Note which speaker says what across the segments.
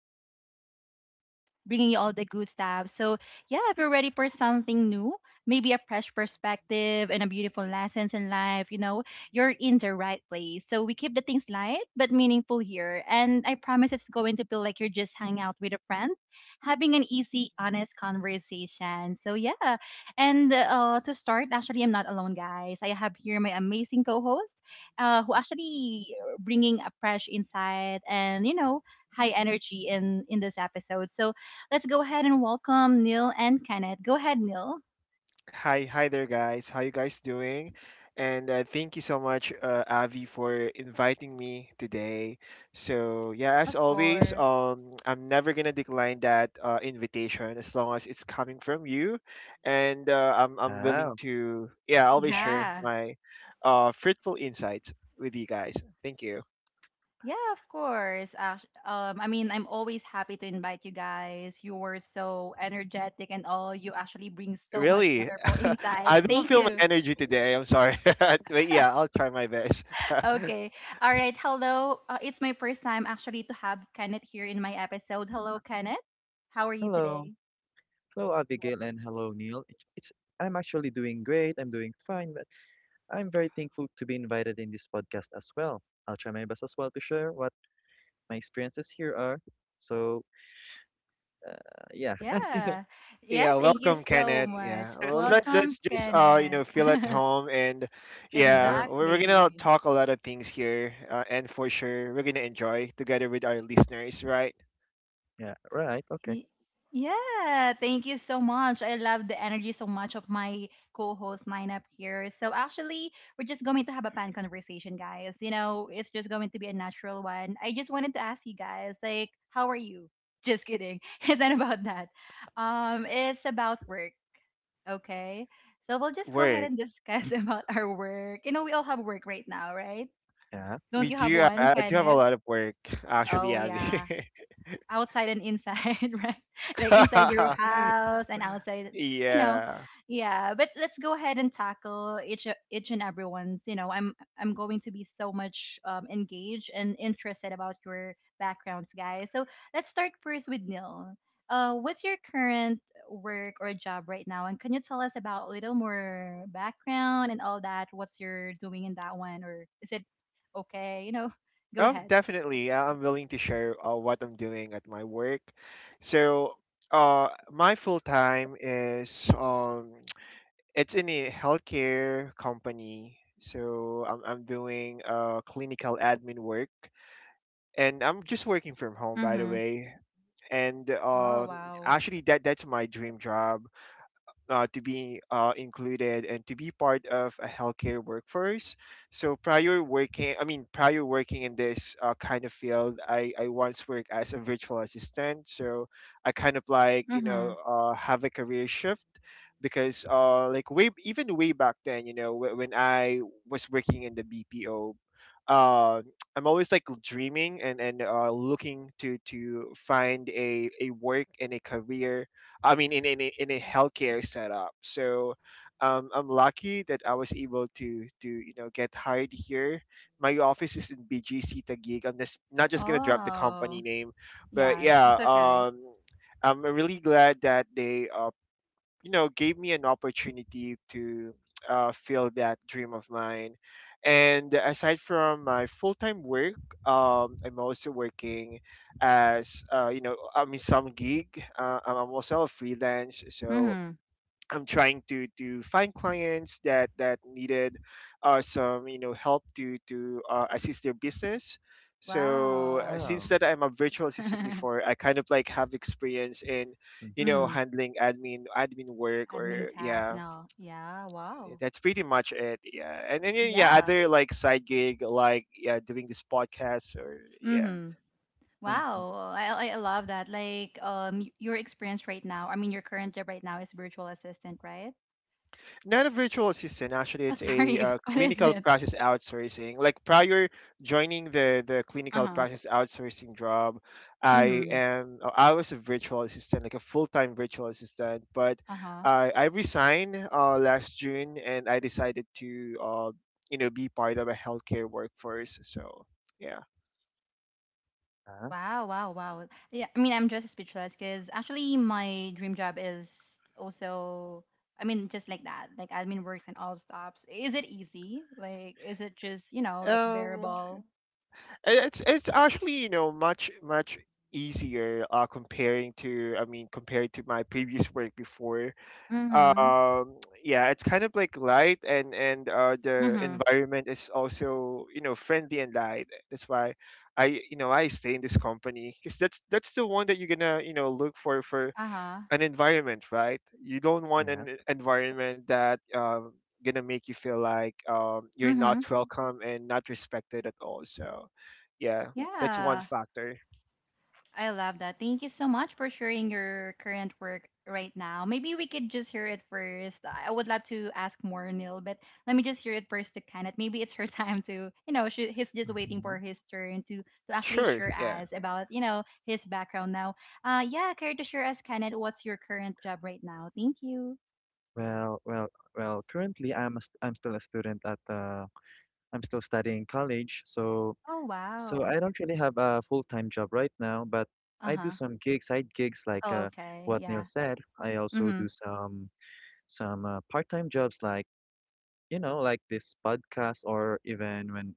Speaker 1: your, your host, as always, bringing you all the good stuff. So, yeah, if you're ready for something new, maybe a fresh perspective and a beautiful lessons in life, you're in the right place. So, we keep the things light but meaningful here. And I promise it's going to feel like you're just hanging out with a friend, having an easy, honest conversation. So, yeah. And To start, actually, I'm not alone, guys. I have here my amazing co host who actually bringing a fresh insight and high energy in this episode. So let's go ahead and welcome Neil and Kenneth. Go ahead, Neil.
Speaker 2: Hi there, guys. How you guys doing? And thank you so much, Avi, for inviting me today. So yeah, as
Speaker 1: Of
Speaker 2: always,
Speaker 1: course.
Speaker 2: I'm never gonna decline that invitation as long as it's coming from you, and I'm willing
Speaker 3: Ah,
Speaker 2: to yeah, I'll be sure
Speaker 1: Yeah.
Speaker 2: my fruitful insights with you guys. Thank you.
Speaker 1: Yeah, of course. I mean, I'm always happy to invite you guys. You were so energetic and all. You actually bring so much
Speaker 2: Really,
Speaker 1: wonderful
Speaker 2: I
Speaker 1: insights.
Speaker 2: don't
Speaker 1: Thank
Speaker 3: mm,
Speaker 2: feel my
Speaker 1: you.
Speaker 2: energy today. I'm sorry, but yeah, I'll try my best.
Speaker 1: Okay. All right. Hello. It's my first time actually to have Kenneth here in my episode. Hello, Kenneth. How are you
Speaker 3: hello.
Speaker 1: today?
Speaker 3: Hello, Abigail, and hello, Neil. I'm actually doing great. I'm doing fine, but I'm very thankful to be invited in this podcast as well. I'll try my best as well to share what my experiences here are. So, uh, yeah,
Speaker 1: Yeah. Yeah,
Speaker 2: Yeah,
Speaker 1: thank you
Speaker 2: welcome,
Speaker 1: so
Speaker 2: Kenneth.
Speaker 1: much.
Speaker 2: Yeah, well, let,
Speaker 1: Welcome,
Speaker 2: let's just
Speaker 1: Kenneth.
Speaker 2: feel at home, and yeah,
Speaker 3: sure.
Speaker 2: we're gonna
Speaker 1: Exactly.
Speaker 2: talk a lot of things here, and for sure, we're gonna enjoy together with our listeners, right?
Speaker 3: Yeah, right. Okay.
Speaker 1: Y- Yeah, thank you so much. I love the energy so much of my co-host lineup here. So actually, we're just going to have a fun conversation, guys. You know, it's just going to be a natural one. I just wanted to ask you guys, like, how are you? Just kidding. It's not about that. It's about work. Okay. So we'll just go ahead
Speaker 2: Work.
Speaker 1: and discuss about our work. You know, we all have work right now, right?
Speaker 3: Yeah.
Speaker 1: Don't
Speaker 2: We
Speaker 1: you have
Speaker 2: do.
Speaker 1: one,
Speaker 2: I do have a
Speaker 1: Kenneth?
Speaker 2: lot of work, actually,
Speaker 1: Oh,
Speaker 2: Abby.
Speaker 1: yeah, outside and inside, right? Like inside your house and outside, you know.
Speaker 2: yeah.
Speaker 1: Yeah, but let's go ahead and tackle each and everyone's. You know, I'm going to be so much engaged and interested about your backgrounds, guys. So let's start first with Neil. What's your current work or job right now, and can you tell us about a little more background and all that? What's you're doing in that one, or is it okay? You know, go
Speaker 2: Oh,
Speaker 1: ahead.
Speaker 2: definitely. I'm willing to share what I'm doing at my work. So, my full time is it's in a healthcare company. So I'm doing clinical admin work, and I'm just working from home, by the
Speaker 1: Mm-hmm.
Speaker 2: way. And
Speaker 1: Oh wow.
Speaker 2: actually, that's my dream job, to be included and to be part of a healthcare workforce. So prior working, prior working in this kind of field, I once worked as a virtual assistant. So I kind of like, you know, have a career shift because like way, even way back then, you know, when I was working in the BPO, uh I'm always like dreaming and looking to find a work and a career. I mean in a healthcare setup. So I'm lucky that I was able to you know get hired here. My office is in BGC Taguig. I'm just not just gonna drop the company
Speaker 1: Oh,
Speaker 2: name, but
Speaker 1: yeah,
Speaker 2: yeah,
Speaker 1: that's okay.
Speaker 2: I'm really glad that they you know, gave me an opportunity to feel that dream of mine. And aside from my full-time work, I'm also working as I mean, some gig. I'm also a freelance. So
Speaker 1: Mm-hmm.
Speaker 2: I'm trying to find clients that that needed some you know help to assist their business. So
Speaker 1: Wow.
Speaker 2: since
Speaker 3: Wow.
Speaker 2: that I'm a virtual assistant
Speaker 1: Mm-hmm.
Speaker 2: before, I kind of like have experience in you know
Speaker 3: Mm-hmm.
Speaker 2: handling admin work
Speaker 1: Admin
Speaker 2: or
Speaker 1: tasks and
Speaker 2: yeah.
Speaker 1: all. Yeah, wow.
Speaker 2: That's pretty much it. Yeah. And then yeah,
Speaker 1: Yeah.
Speaker 2: other like side gig like yeah, doing this podcast or yeah,
Speaker 1: Mm-hmm.
Speaker 3: Mm-hmm.
Speaker 1: Wow. I love that. Like, your experience right now, I mean, your current job right now is virtual assistant, right?
Speaker 2: not a virtual assistant actually.
Speaker 1: Oh,
Speaker 2: It's a
Speaker 1: sorry. What is
Speaker 2: clinical
Speaker 1: it?
Speaker 2: practice outsourcing. Like prior joining the clinical
Speaker 1: Uh-huh.
Speaker 2: practice outsourcing job, I
Speaker 1: Mm-hmm.
Speaker 2: am I was a virtual assistant, like a full-time virtual assistant, but
Speaker 1: Uh-huh.
Speaker 2: I resigned last June and I decided to you know, be part of a healthcare workforce. So yeah.
Speaker 3: Yeah.
Speaker 1: Wow, wow, wow. Yeah, I mean, I'm just speechless because actually my dream job is also, I mean, just like that, like admin works and all stops. Is it easy? Like, is it just, you know, like
Speaker 2: um
Speaker 1: bearable?
Speaker 2: and it's actually, you know, much, much easier comparing to, I mean, compared to my previous work before.
Speaker 1: Mm-hmm.
Speaker 2: um yeah, it's kind of like light, and the
Speaker 1: Mm-hmm.
Speaker 2: environment is also you know friendly and light. That's why I, you know, I stay in this company because that's the one that you're gonna you know look for,
Speaker 1: Uh-huh.
Speaker 2: an environment, right? You don't want
Speaker 3: Yeah.
Speaker 2: an environment that gonna make you feel like you're not
Speaker 1: Mm-hmm.
Speaker 2: welcome and not respected at all. So yeah, that's one
Speaker 1: Yeah.
Speaker 2: factor.
Speaker 1: I love that. Thank you so much for sharing your current work right now. Maybe we could just hear it first. I would love to ask more, Neil, but let me just hear it first to Kenneth. Maybe it's her time to, you know, she, he's just waiting
Speaker 3: Mm-hmm.
Speaker 1: for his turn to actually
Speaker 2: Sure,
Speaker 1: share
Speaker 2: yeah.
Speaker 1: us about, you know, his background now. Yeah, care to share us, Kenneth, what's your current job right now? Thank you.
Speaker 3: Well, well, well, currently I'm still a student at I'm still studying college. So
Speaker 1: Oh,
Speaker 3: So
Speaker 1: wow.
Speaker 3: I don't really have a full-time job right now, but
Speaker 1: Uh
Speaker 3: I do
Speaker 1: huh.
Speaker 3: some gigs, side gigs like
Speaker 1: Oh, okay.
Speaker 3: what Neil
Speaker 1: Yeah.
Speaker 3: said. I
Speaker 1: Mm
Speaker 3: also
Speaker 1: hmm.
Speaker 3: do some part-time jobs, like this podcast, or even when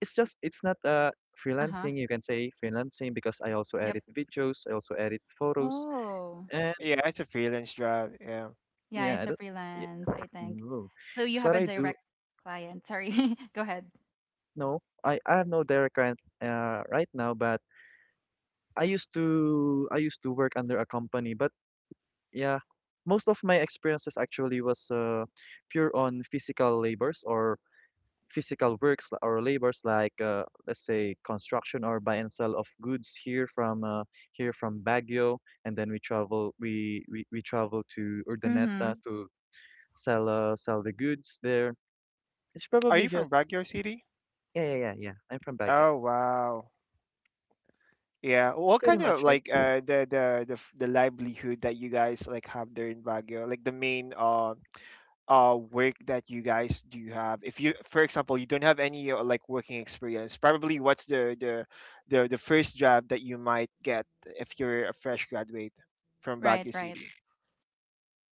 Speaker 3: it's not
Speaker 1: Uh huh.
Speaker 3: freelancing. You can say freelancing because I also
Speaker 1: Yep.
Speaker 3: edit videos, I also edit photos
Speaker 1: Oh.
Speaker 3: and
Speaker 2: Yeah, it's a freelance job, yeah.
Speaker 1: Yeah, it's
Speaker 3: yeah,
Speaker 1: a
Speaker 3: yeah,
Speaker 1: freelance, I think.
Speaker 3: no.
Speaker 1: So you
Speaker 3: That's
Speaker 1: have
Speaker 3: what
Speaker 1: a
Speaker 3: I do.
Speaker 1: direct client. Sorry. Go ahead.
Speaker 3: No, I have no direct client right now, but I used to work under a company, but yeah, most of my experiences actually was pure on physical labors, or physical works l- or labors, like let's say construction, or buy and sell of goods here from Baguio, and then we travel to Urdaneta
Speaker 1: Mm-hmm.
Speaker 3: to sell the goods there. It's
Speaker 2: Are you
Speaker 3: probably
Speaker 2: from
Speaker 3: just.
Speaker 2: Baguio City?
Speaker 3: Yeah, yeah, yeah, yeah. I'm from Baguio.
Speaker 2: Oh, wow. Yeah, what
Speaker 3: Pretty
Speaker 2: kind of
Speaker 3: much it.
Speaker 2: like the livelihood that you guys like have there in Baguio, like the main work that you guys do have. If you, for example, you don't have any like working experience, probably what's the first job that you might get if you're a fresh graduate from
Speaker 1: Right,
Speaker 2: Baguio
Speaker 1: right.
Speaker 2: City?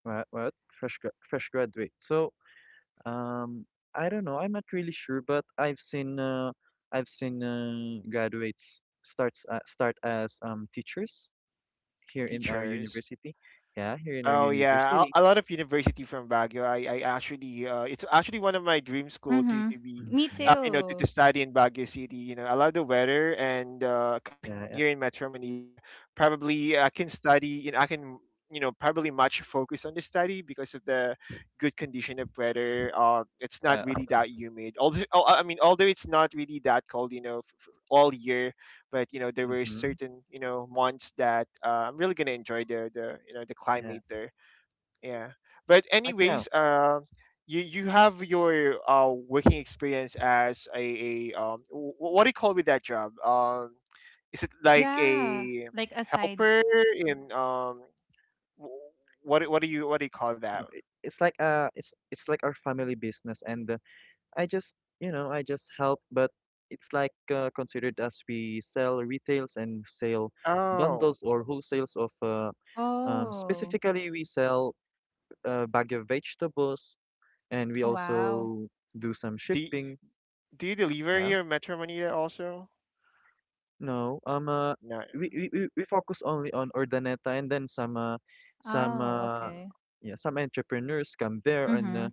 Speaker 3: What fresh graduate. So. Um, I don't know. I'm not really sure, but I've seen graduates start as teachers here in our
Speaker 2: Teachers.
Speaker 3: university. Yeah, here in our
Speaker 2: Oh yeah,
Speaker 3: university.
Speaker 2: a lot of university from Baguio. I, actually, it's actually one of my dream school to
Speaker 1: Mm-hmm.
Speaker 2: to be,
Speaker 1: Me
Speaker 3: Hmm.
Speaker 2: to
Speaker 1: too.
Speaker 2: study in Baguio City. You know, I love the weather, and
Speaker 3: Yeah,
Speaker 2: comparing
Speaker 3: yeah.
Speaker 2: here in Metro Manila, probably I can study. You know, I can, you know, probably much focus on the study because of the good condition of weather. It's not
Speaker 3: Well,
Speaker 2: really that humid. Although, oh, I mean, although it's not really that cold, you know, all year, but you know there were
Speaker 3: hmm.
Speaker 2: certain you know months that I'm really gonna enjoy the
Speaker 3: Yeah,
Speaker 2: climate there. Yeah, but
Speaker 3: like now.
Speaker 2: anyways, you you have your working experience as a what do you call with that job? Is it like
Speaker 1: Yeah.
Speaker 2: a
Speaker 1: Like a side.
Speaker 2: helper in wh- what do you call that?
Speaker 3: No, it's like it's like our family business, and I just I just help, but it's like considered as we sell retails and sale
Speaker 2: Oh,
Speaker 3: bundles or wholesales of
Speaker 1: Oh.
Speaker 3: specifically, we sell a bag of vegetables, and we
Speaker 1: Oh, wow.
Speaker 3: also do some
Speaker 2: do you,
Speaker 3: shipping.
Speaker 2: do you deliver
Speaker 3: Yeah.
Speaker 2: here in Metro Manila also?
Speaker 3: No,
Speaker 2: No,
Speaker 3: we focus only on Urdaneta, and then some
Speaker 1: Oh,
Speaker 3: uh,
Speaker 1: okay.
Speaker 3: yeah, some entrepreneurs come there, and
Speaker 1: Mm-hmm.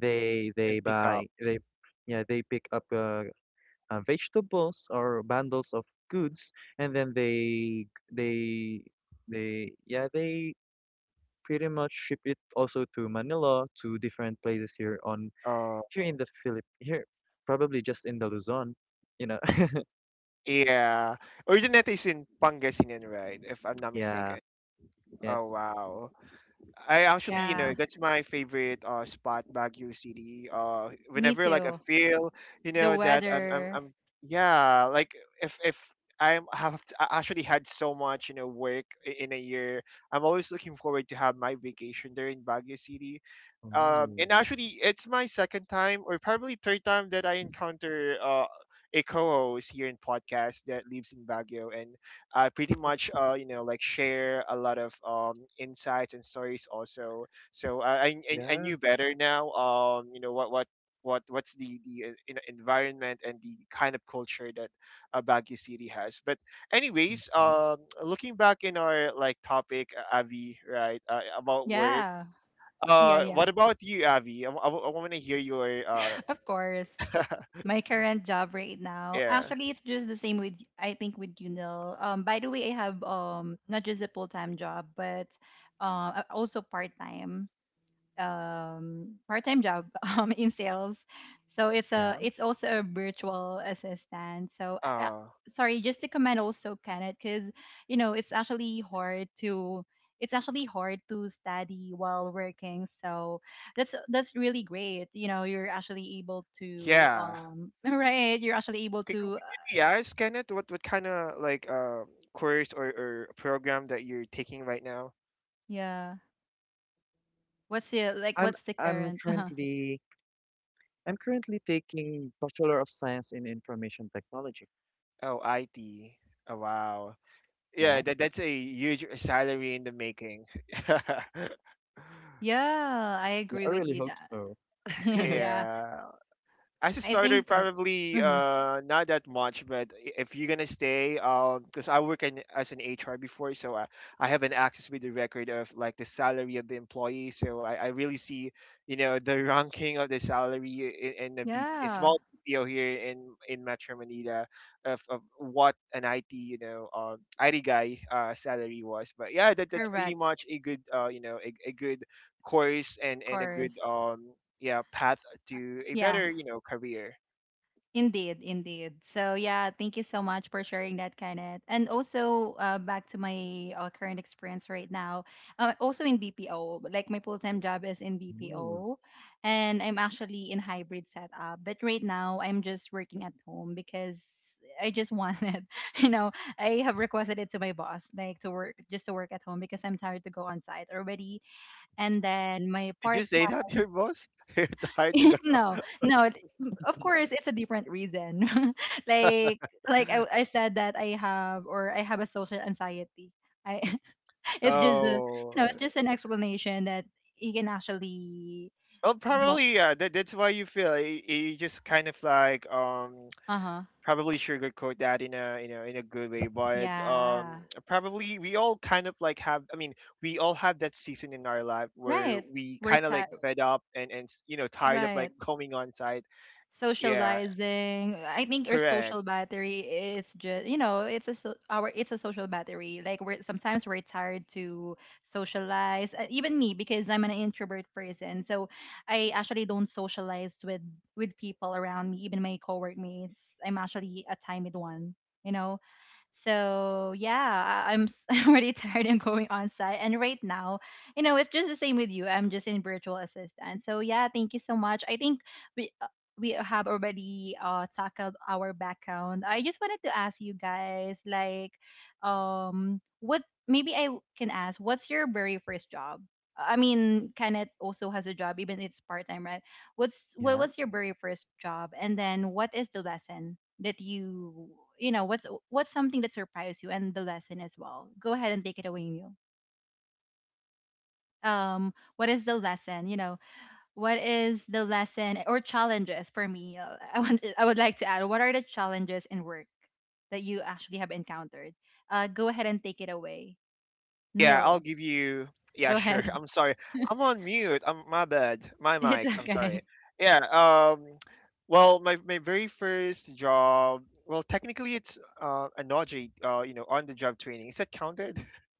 Speaker 2: and
Speaker 3: they
Speaker 2: pick
Speaker 3: buy
Speaker 2: up.
Speaker 3: they yeah they pick up vegetables or bundles of goods, and then they they pretty much ship it also to Manila, to different places here, probably just in the Luzon, you know.
Speaker 2: Yeah. Originates in Pangasinan, right? If I'm not
Speaker 3: Yeah.
Speaker 2: mistaken. Oh,
Speaker 3: Yes.
Speaker 2: wow. I actually, you know,
Speaker 3: Hmm.
Speaker 1: Yeah.
Speaker 2: that's my favorite spot, Baguio City.
Speaker 1: Me
Speaker 2: Whenever like I
Speaker 1: too.
Speaker 2: feel, you
Speaker 1: The
Speaker 2: know, that
Speaker 1: weather.
Speaker 2: yeah, like, if I'm have t- I actually had so much, you know, work in a year, I'm always looking forward to have my vacation there in Baguio City.
Speaker 3: Oh,
Speaker 2: And actually, it's my second time or probably third time that I encounter a co-host here in podcast that lives in Baguio, and I pretty much you know, like share a lot of insights and stories also. So I
Speaker 3: yeah.
Speaker 2: knew better now. You know what's the you know, environment and the kind of culture that Baguio City has. But anyways,
Speaker 3: Mhm.
Speaker 2: looking back in our like topic, Avi, right, about work.
Speaker 1: Yeah. Yeah, yeah.
Speaker 2: What about you, Avi? I want to hear your
Speaker 1: Of course. My current job right now,
Speaker 2: yeah,
Speaker 1: actually, it's just the same with I think with you know. By the way, I have not just a full time job, but also part time part-time job in sales. So it's a
Speaker 3: Yeah.
Speaker 1: it's also a virtual assistant. So
Speaker 2: uh,
Speaker 1: sorry, just to comment also, Kenneth, because it's actually hard to it's actually hard to study while working. So that's really great. You know, you're actually able to
Speaker 2: yeah.
Speaker 1: right. You're actually able to
Speaker 2: Could you ask Kenneth what kind of like course or program that you're taking right now?
Speaker 1: yeah. What's the like?
Speaker 3: I'm
Speaker 1: What's the
Speaker 3: I'm
Speaker 1: current?
Speaker 3: currently I'm currently taking Bachelor of Science in Information Technology.
Speaker 2: Oh, IT. Oh, wow. Yeah,
Speaker 3: Yeah.
Speaker 2: that that's a huge salary in the making.
Speaker 1: Yeah, I
Speaker 3: Yeah,
Speaker 1: agree
Speaker 3: I
Speaker 1: with
Speaker 3: really
Speaker 1: you
Speaker 3: hope
Speaker 1: that.
Speaker 3: so.
Speaker 1: Yeah,
Speaker 2: yeah. As a
Speaker 1: I
Speaker 2: starter,
Speaker 1: think that.
Speaker 2: probably
Speaker 1: Mm-hmm.
Speaker 2: not that much, but I- if you're gonna stay, because I work in, as an HR before, so I have an access with the record of like the salary of the employee. So I really see, you know, the ranking of the salary in the BP, a
Speaker 1: Yeah,
Speaker 2: small BPO here in Metro Manila, of what an IT, you know, IT guy salary was. But yeah, that's pretty
Speaker 1: correct.
Speaker 2: much a good a good course
Speaker 1: Of
Speaker 2: and a good
Speaker 1: course.
Speaker 2: yeah path to a
Speaker 1: Yeah,
Speaker 2: better, you know, career.
Speaker 1: indeed, indeed. So yeah, thank you so much for sharing that, Kenneth. And also, back to my current experience right now, also in BPO. Like my full-time job is in
Speaker 3: Ooh.
Speaker 1: BPO, and I'm actually in hybrid setup. But right now, I'm just working at home because. I just wanted, you know, I have requested it to my boss, like to work, just to work at home because I'm tired to go on site already. And then my
Speaker 2: Did you
Speaker 1: part
Speaker 2: say that to your boss? You're tired to go.
Speaker 1: no, no. It, of course, it's a different reason. like, like I said that I have or I have a social anxiety. I it's just a,
Speaker 3: Oh,
Speaker 1: you
Speaker 2: Oh,
Speaker 1: know it's just an explanation that you can actually
Speaker 2: well,
Speaker 1: don't.
Speaker 2: probably yeah. That's why you feel you, you just kind of like
Speaker 1: Uh huh.
Speaker 2: probably sugarcoat that in a, you know, in a good way, but
Speaker 1: Yeah.
Speaker 2: probably we all kind of like have. I mean, we all have that season in our life where
Speaker 1: Right.
Speaker 2: we
Speaker 1: We're
Speaker 2: kind of like
Speaker 1: tired.
Speaker 2: fed up and you know, tired of like going on site. Yeah,
Speaker 1: Socializing, I think our
Speaker 2: correct.
Speaker 1: social battery is just, you know, our it's a social battery like we're sometimes we're tired to socialize, even me because I'm an introvert person. So I actually don't socialize with people around me, even my coworkmates. I'm actually a timid one, you know. So yeah, I'm already tired and going on site. And right now, you know, it's just the same with you. I'm just in virtual assistant. So yeah, thank you so much. I think we uh, we have already tackled our background. I just wanted to ask you guys like what maybe can ask what's your very first job? I mean, Kenneth also has a job, even it's part time, right? What's what
Speaker 3: yeah.
Speaker 1: was your very first job, and then what is the lesson that you know what's something that surprised you and the lesson as well? Go ahead and take it away, Neil. What is the lesson, you know, what is the lesson or challenges for me? I would like to add, what are the challenges in work that you actually have encountered? Uh, go ahead and take it away,
Speaker 2: Yeah, I'll
Speaker 1: Neil.
Speaker 2: give you. Yeah,
Speaker 1: Go
Speaker 2: sure.
Speaker 1: ahead.
Speaker 2: I'm sorry. I'm on mute. I'm my bad. My
Speaker 1: It's
Speaker 2: mic. I'm sorry.
Speaker 1: okay.
Speaker 2: Yeah. Well, my very first job. Well, technically, it's a Naji, on the job training. Is that counted?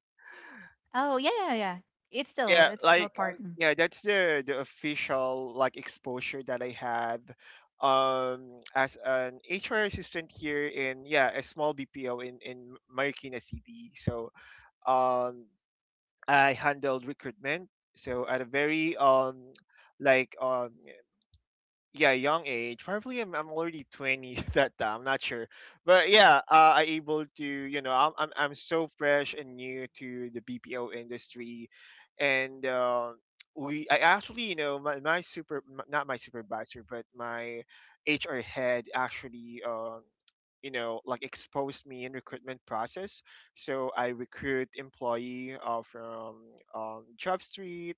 Speaker 1: Oh yeah, yeah, yeah. It's still
Speaker 2: yeah.
Speaker 1: it's still
Speaker 2: Like,
Speaker 1: part. Mm.
Speaker 2: yeah. That's the official like exposure that I had, as an HR assistant here in yeah a small BPO in Marikina City. So, um I handled recruitment. So at a very like um yeah, young age. Probably I'm already 20 that time. I'm not sure. But yeah, I able to, you know, I'm so fresh and new to the BPO industry. And we, I actually, you know, my super, not my supervisor, but my HR head actually, you know, like exposed me in recruitment process. So I recruit employee from JobStreet,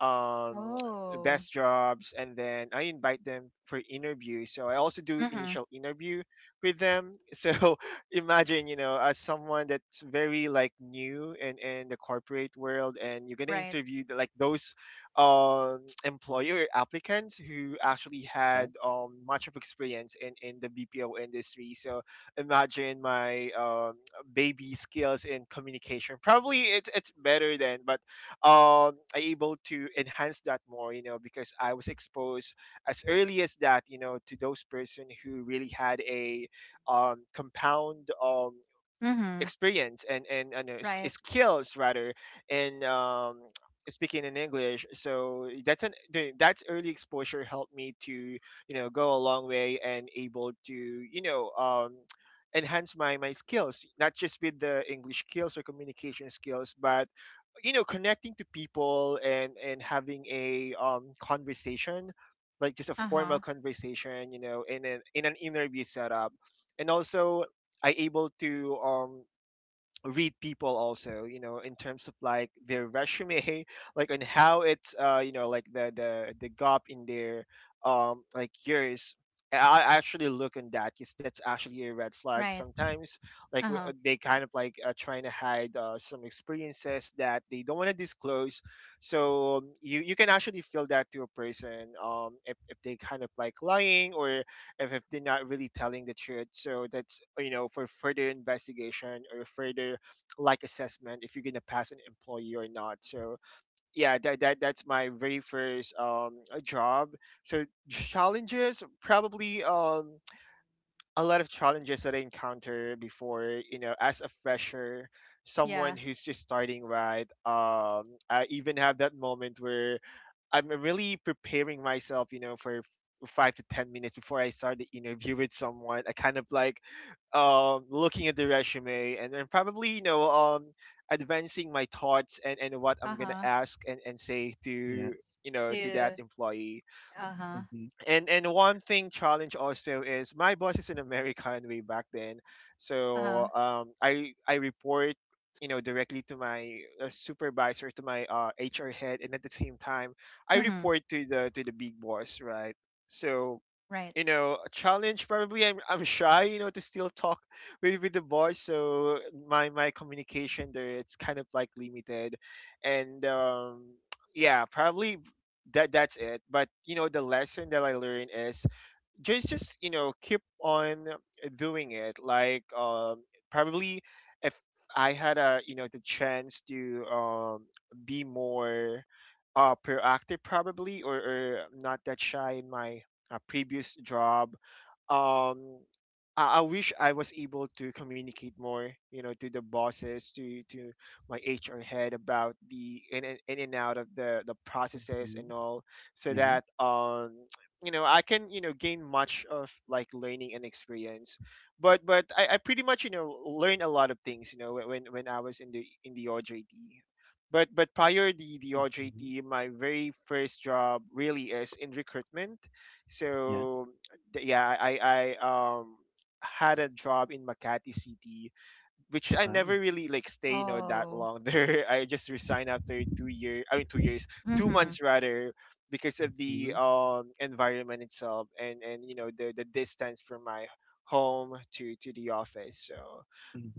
Speaker 2: um,
Speaker 1: Oh.
Speaker 2: best jobs, and then I invite them for interviews. So I also do
Speaker 1: Mm-hmm.
Speaker 2: initial interview with them. So imagine, you know, as someone that's very like new and in, the corporate world, and you're gonna
Speaker 1: Right.
Speaker 2: interview the, like those employer applicants who actually
Speaker 3: Yeah.
Speaker 2: had much of experience in the BPO industry. So imagine my baby skills in communication. Probably it's better than, but I able to enhance that more, you know, because I was exposed as early as that, you know, to those person who really had a compound
Speaker 1: Mm-hmm.
Speaker 2: experience and
Speaker 1: Right.
Speaker 2: skills rather and speaking in English. So that's that's early exposure helped me to, you know, go a long way and able to, you know, enhance my skills, not just with the English skills or communication skills, but, you know, connecting to people and having a conversation, like just a formal
Speaker 1: Uh-huh.
Speaker 2: conversation, you know, in an interview setup. And also I able to read people also, you know, in terms of like their resume, like on how it's you know, like the gap in their like years. i I actually look on that because that's actually a red flag
Speaker 1: Right.
Speaker 2: sometimes, like
Speaker 1: Uh-huh.
Speaker 2: they kind of like trying to hide some experiences that they don't want to disclose. So you you can actually feel that to a person if they kind of like lying, or if they're not really telling the truth. So that's, you know, for further investigation or further like assessment if you're gonna pass an employee or not. So yeah, that that's my very first job. So challenges probably a lot of challenges that I encountered before, you know, as a fresher,
Speaker 1: Yeah.
Speaker 2: someone who's just starting, right. I even have that moment where I'm really preparing myself, you know, for 5 to 10 minutes before I start the interview with someone. I kind of like looking at the resume and then probably, you know, advancing my thoughts and what I'm gonna
Speaker 1: Uh-huh.
Speaker 2: ask and say to,
Speaker 3: Yes.
Speaker 2: you know, to that
Speaker 1: To
Speaker 2: employee.
Speaker 1: uh-huh.
Speaker 3: Mm-hmm.
Speaker 2: And one thing challenge also is my boss is an American way back then.
Speaker 1: Uh-huh.
Speaker 2: So I report, you know, directly to my supervisor, to my HR head, and at the same time I
Speaker 1: Mm-hmm.
Speaker 2: report to the big boss, right? So,
Speaker 1: Right.
Speaker 2: you know, a challenge probably, I'm shy, you know, to still talk with the boys. So my communication there, it's kind of like limited. And yeah, probably that's it. But you know, the lesson that I learned is just you know, keep on doing it, like probably if I had, a you know, the chance to be more proactive probably, or not that shy in my previous job. um I wish I was able to communicate more, you know, to the bosses, to my HR head about the in and out of the processes and
Speaker 3: Mhm.
Speaker 2: all, so
Speaker 3: Yeah.
Speaker 2: that you know, I can, you know, gain much of like learning and experience. But I pretty much, you know, learned a lot of things, you know, when when I was in the OJT. But prior the
Speaker 3: Mhm.
Speaker 2: OJT, my very first job really is in recruitment.
Speaker 3: Yeah.
Speaker 2: So yeah, I um had a job in Makati City, which I never
Speaker 3: Wow.
Speaker 2: really like stay, you know, that
Speaker 1: Oh.
Speaker 2: long there. I just resigned after 2 years, two
Speaker 1: Mm-hmm.
Speaker 2: months rather, because of
Speaker 3: Mm-hmm.
Speaker 2: the environment itself and, you know, the distance from my home to the office. So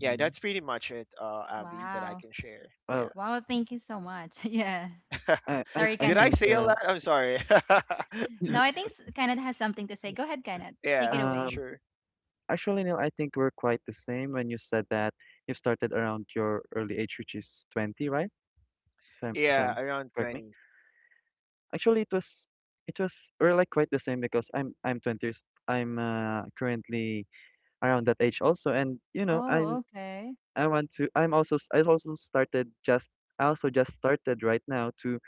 Speaker 2: yeah, that's pretty much it, Avi, that I
Speaker 1: Wow.
Speaker 2: can share.
Speaker 3: Well,
Speaker 2: Yeah.
Speaker 1: Wow, thank you so much. Yeah.
Speaker 3: I I
Speaker 1: Sorry,
Speaker 3: I
Speaker 2: Did
Speaker 1: Kenneth.
Speaker 2: I
Speaker 3: think
Speaker 2: say a lot? I'm sorry.
Speaker 1: No, I think Kenneth has something to say. Go ahead, Kenneth. Take it
Speaker 2: Yeah,
Speaker 1: away.
Speaker 3: um
Speaker 2: sure.
Speaker 3: actually, Neil, I think we're quite the same when you said that you started around your early age, which is 20, right? If
Speaker 2: Yeah,
Speaker 3: I'm
Speaker 2: around
Speaker 3: Correct me.
Speaker 2: 20.
Speaker 3: Actually, we're like quite the same, because I'm 20 years, I'm currently around that age also. And,
Speaker 1: Oh,
Speaker 3: I'm,
Speaker 1: okay.
Speaker 3: I want to, I'm also, s- I also just started right now, to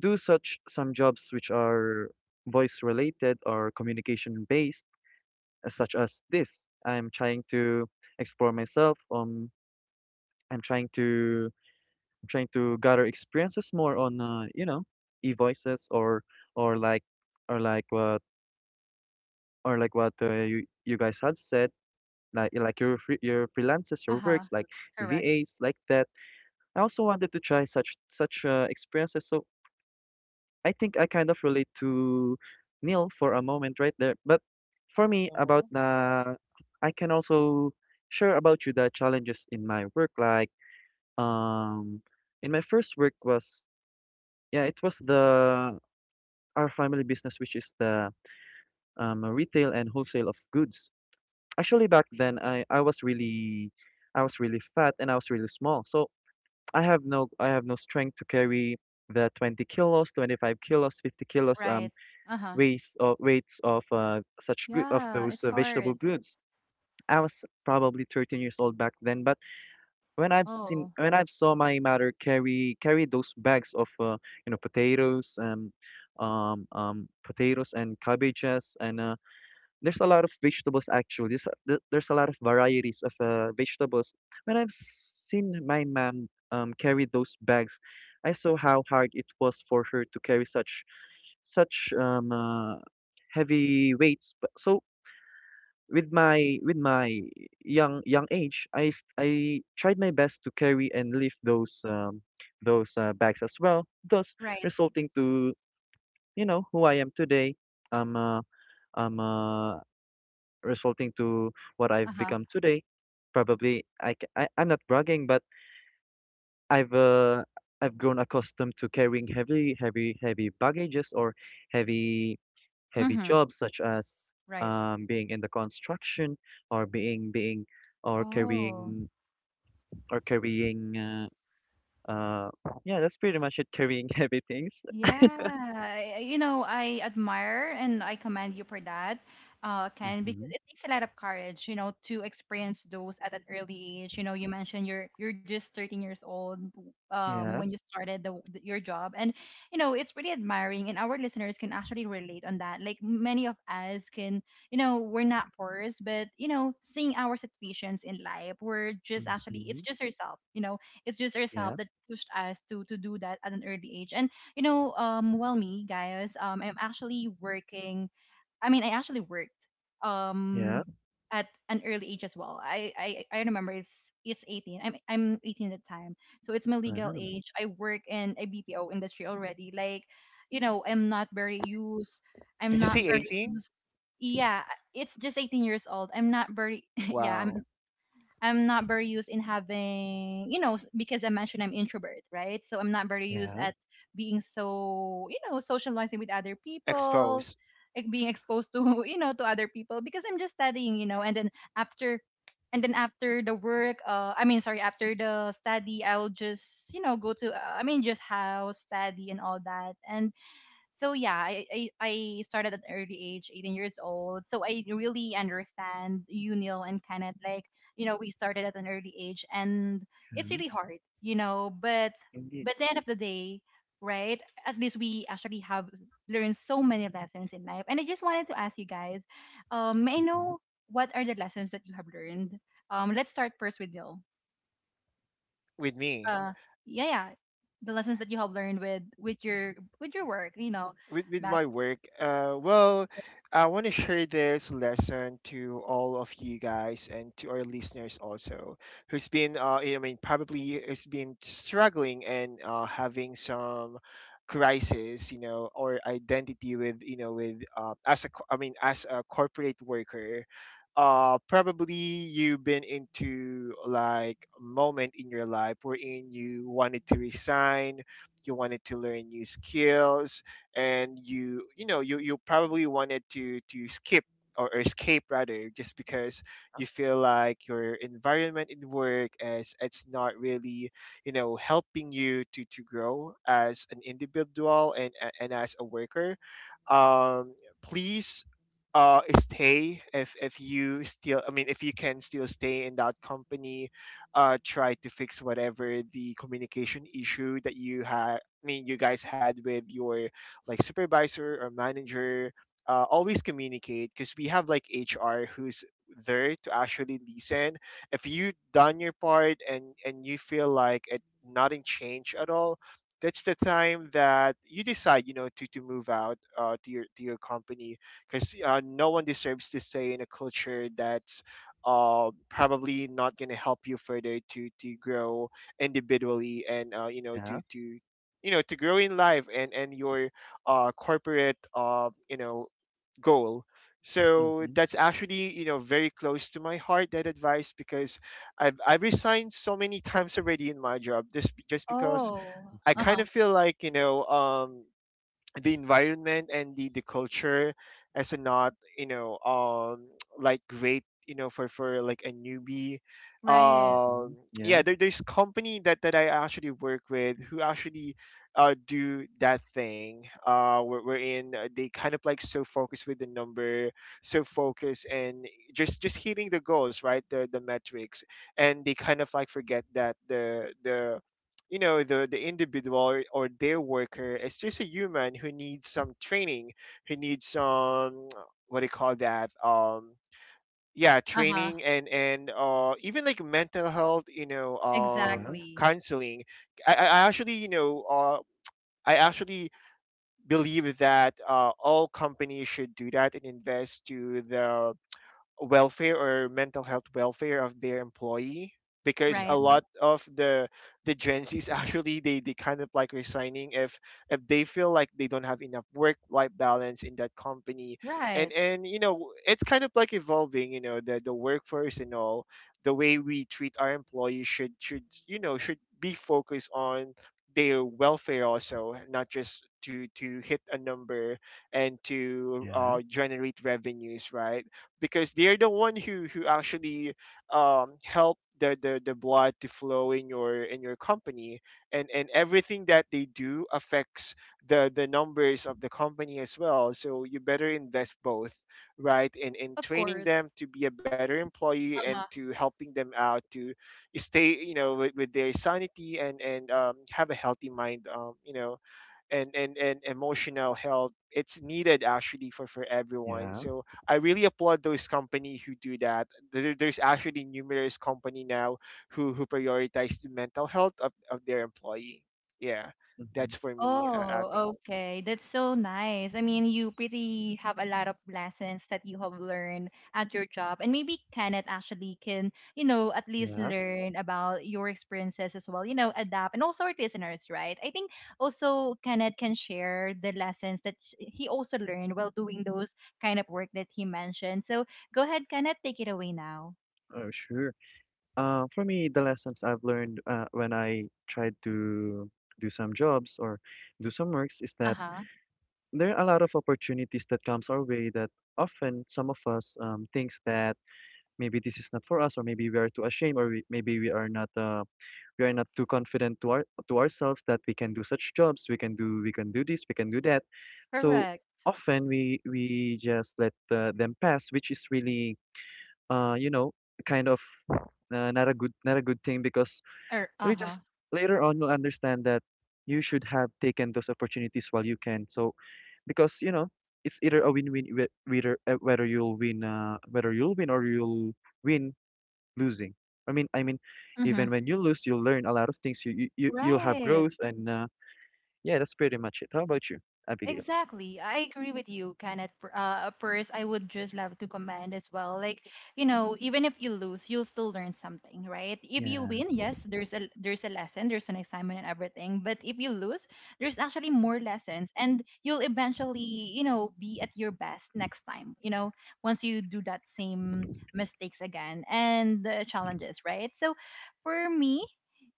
Speaker 3: do such some jobs which are voice related or communication based, such as this. I'm trying to explore myself. I'm trying to I'm trying to gather experiences more on e-voices, or like or like what or like what you guys have said, like your freelances, your
Speaker 1: Uh-huh.
Speaker 3: works, like
Speaker 1: Correct.
Speaker 3: VAs like that. I also wanted to try such experiences. So I think I kind of relate to Neil for a moment right there. But for me about
Speaker 2: Mhm.
Speaker 3: I can also share about you the challenges in my work, like um in my first work was. Yeah, it was the our family business, which is the retail and wholesale of goods. Actually, back then, I was really fat, and I was really small, so I have no strength to carry the 20 kilos, 25 kilos, 50 kilos
Speaker 1: Right. Uh-huh.
Speaker 3: weights, or weights of such good of
Speaker 1: Yeah,
Speaker 3: those
Speaker 1: it's
Speaker 3: vegetable
Speaker 1: hard.
Speaker 3: goods. I was probably 13 years old back then, but
Speaker 1: Oh.
Speaker 3: when I've saw my mother carry those bags of you know potatoes and cabbages, and there's a lot of vegetables. Actually, there's a lot of varieties of vegetables. When I've seen my mom carry those bags, I saw how hard it was for her to carry such, such heavy weights. But so with my young age, I tried my best to carry and lift those those bags as well, thus
Speaker 1: Right.
Speaker 3: resulting to you know who I am today. Um am I Resulting to what I've
Speaker 1: Uh-huh.
Speaker 3: become today. Probably I'm not bragging, but I've uh, I've grown accustomed to carrying heavy, heavy, heavy baggages, or heavy, heavy
Speaker 1: Mm-hmm.
Speaker 3: jobs, such as
Speaker 1: Right.
Speaker 3: being in the construction, or being being or
Speaker 1: Oh.
Speaker 3: carrying or carrying uh, uh yeah that's pretty much it, carrying heavy things.
Speaker 1: Yeah, you know, I admire and I commend you for that, Ken,
Speaker 3: Mm-hmm.
Speaker 1: because it takes a lot of courage, you know, to experience those at an early age. You know, you mentioned you're just 13 years old
Speaker 3: Yeah.
Speaker 1: when you started the, your job, and you know, it's really admiring, and our listeners can actually relate on that. Like many of us can, you know, we're not forced, but you know, seeing our situations in life, we're just actually
Speaker 3: Mm-hmm.
Speaker 1: it's just yourself, you know, it's just yourself
Speaker 3: Yeah,
Speaker 1: that pushed us to do that at an early age, and you know, well, me, guys, I'm actually working. I mean, I actually worked
Speaker 3: yeah.
Speaker 1: um at an early age as well. I remember it's 18. I'm 18 at the time, so it's my legal
Speaker 3: Uh-huh.
Speaker 1: age. I work in a BPO industry already. Like, you know, I'm not very used. I'm not very used. Yeah, it's just 18 years old. I'm not very. Yeah, I'm not very used in having, you know, because I mentioned I'm introvert, right? So I'm not very used
Speaker 3: Yeah,
Speaker 1: at being so, you know, socializing with other people, like being exposed to, you know, to other people because I'm just studying, you know, after and then after the work, I mean, sorry, after the study, I'll just, you know, go to, I mean, just house study and all that. And so yeah, I started at an early age, 18 years old. So I really understand you, Neil, and Kenneth. Like, you know, we started at an early age and it's
Speaker 3: yeah.
Speaker 1: really hard, you know,
Speaker 3: Indeed.
Speaker 1: but the end of the day, right, at least we actually have learned so many lessons in life. And I just wanted to ask you guys, may I
Speaker 3: Mm-hmm.
Speaker 1: know what are the lessons that you have learned? Let's start first with Neil. Uh yeah, yeah. The lessons that you have learned with with your work, you know, back.
Speaker 3: Yeah. Mm-hmm.
Speaker 1: Oh,
Speaker 3: Mm-hmm.
Speaker 1: uh-huh. Right.
Speaker 3: Mm-hmm. Yeah,
Speaker 1: Uh-huh.
Speaker 3: yeah.
Speaker 1: Exactly. Right.
Speaker 3: Mm-hmm.
Speaker 1: Right.
Speaker 3: Yeah,
Speaker 1: Of course. Uh-huh.
Speaker 3: yeah. Mm-hmm.
Speaker 1: Oh, okay. That's so nice. I mean, you pretty have a lot of lessons that you have learned at your job. And maybe Kenneth actually can, you know, at least
Speaker 3: Yeah.
Speaker 1: learn about your experiences as well, you know, adapt. And also our listeners, right? I think also Kenneth can share the lessons that he also learned while doing those kind of work that he mentioned. So go ahead, Kenneth, take it away now.
Speaker 3: Oh, sure. For me, the lessons I've learned when I tried to do some jobs or do some works, is that
Speaker 1: Uh-huh.
Speaker 3: there are a lot of opportunities that comes our way, that often some of us thinks that maybe this is not for us, or maybe we are too ashamed, or we are not too confident to ourselves, that we can do this, we can do that. So,
Speaker 1: Correct.
Speaker 3: often we just let them pass, which is really uh, you know kind of not a good thing, because
Speaker 1: Or,
Speaker 3: we just
Speaker 1: uh-huh.
Speaker 3: later on you'll understand that you should have taken those opportunities while you can. So because you know it's either a win-win, whether you'll win or you'll win losing. I mean
Speaker 1: Mm-hmm.
Speaker 3: even when you lose, you'll learn a lot of things. You'll have
Speaker 1: Right.
Speaker 3: growth, and yeah that's pretty much it. How about you, Abigail?
Speaker 1: Exactly. I agree with you, Kenneth. First, I would just love to comment as well. Like, you know, even if you lose, you'll still learn something, right? If you
Speaker 3: Yeah,
Speaker 1: win, yes, there's a lesson, there's an assignment and everything. But if you lose, there's actually more lessons and you'll eventually, you know, be at your best next time, you know, once you do that same mistakes again and the challenges, right? So for me,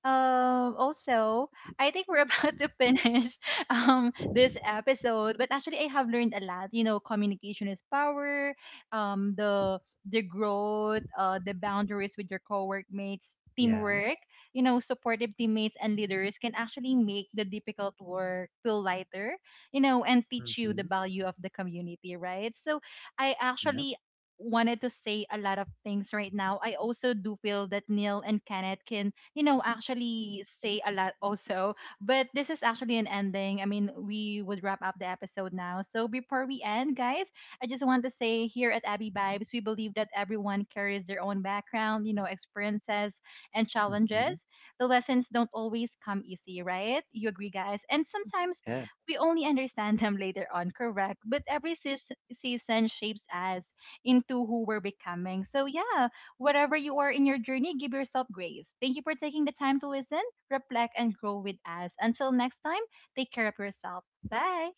Speaker 1: also, I think we're about to finish this episode, but actually I have learned a lot. You know, communication is power. Um, the the growth, the boundaries with your co-workmates,
Speaker 3: yeah.
Speaker 1: teamwork. You know, supportive teammates and leaders can actually make the difficult work feel lighter. You know, and teach you the
Speaker 3: Mm-hmm.
Speaker 1: value of the community, right? So I
Speaker 3: Yeah.
Speaker 1: actually wanted to say a lot of things right now, I also do feel that Neil and Kenneth can, you know, actually say a lot also. But this is actually an ending. I mean, we would wrap up the episode now. So before we end, guys, I just want to say here at Abby Vibes, we believe that everyone carries their own background, you know, experiences and
Speaker 3: Mm-hmm.
Speaker 1: challenges. The lessons don't always come easy, right? You agree, guys? And sometimes
Speaker 3: Yeah.
Speaker 1: we only understand them later on, correct? But every season shapes us into who we're becoming. So, yeah, wherever you are in your journey, give yourself grace. Thank you for taking the time to listen, reflect, and grow with us. Until next time, take care of yourself. Bye.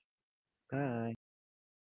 Speaker 3: Bye.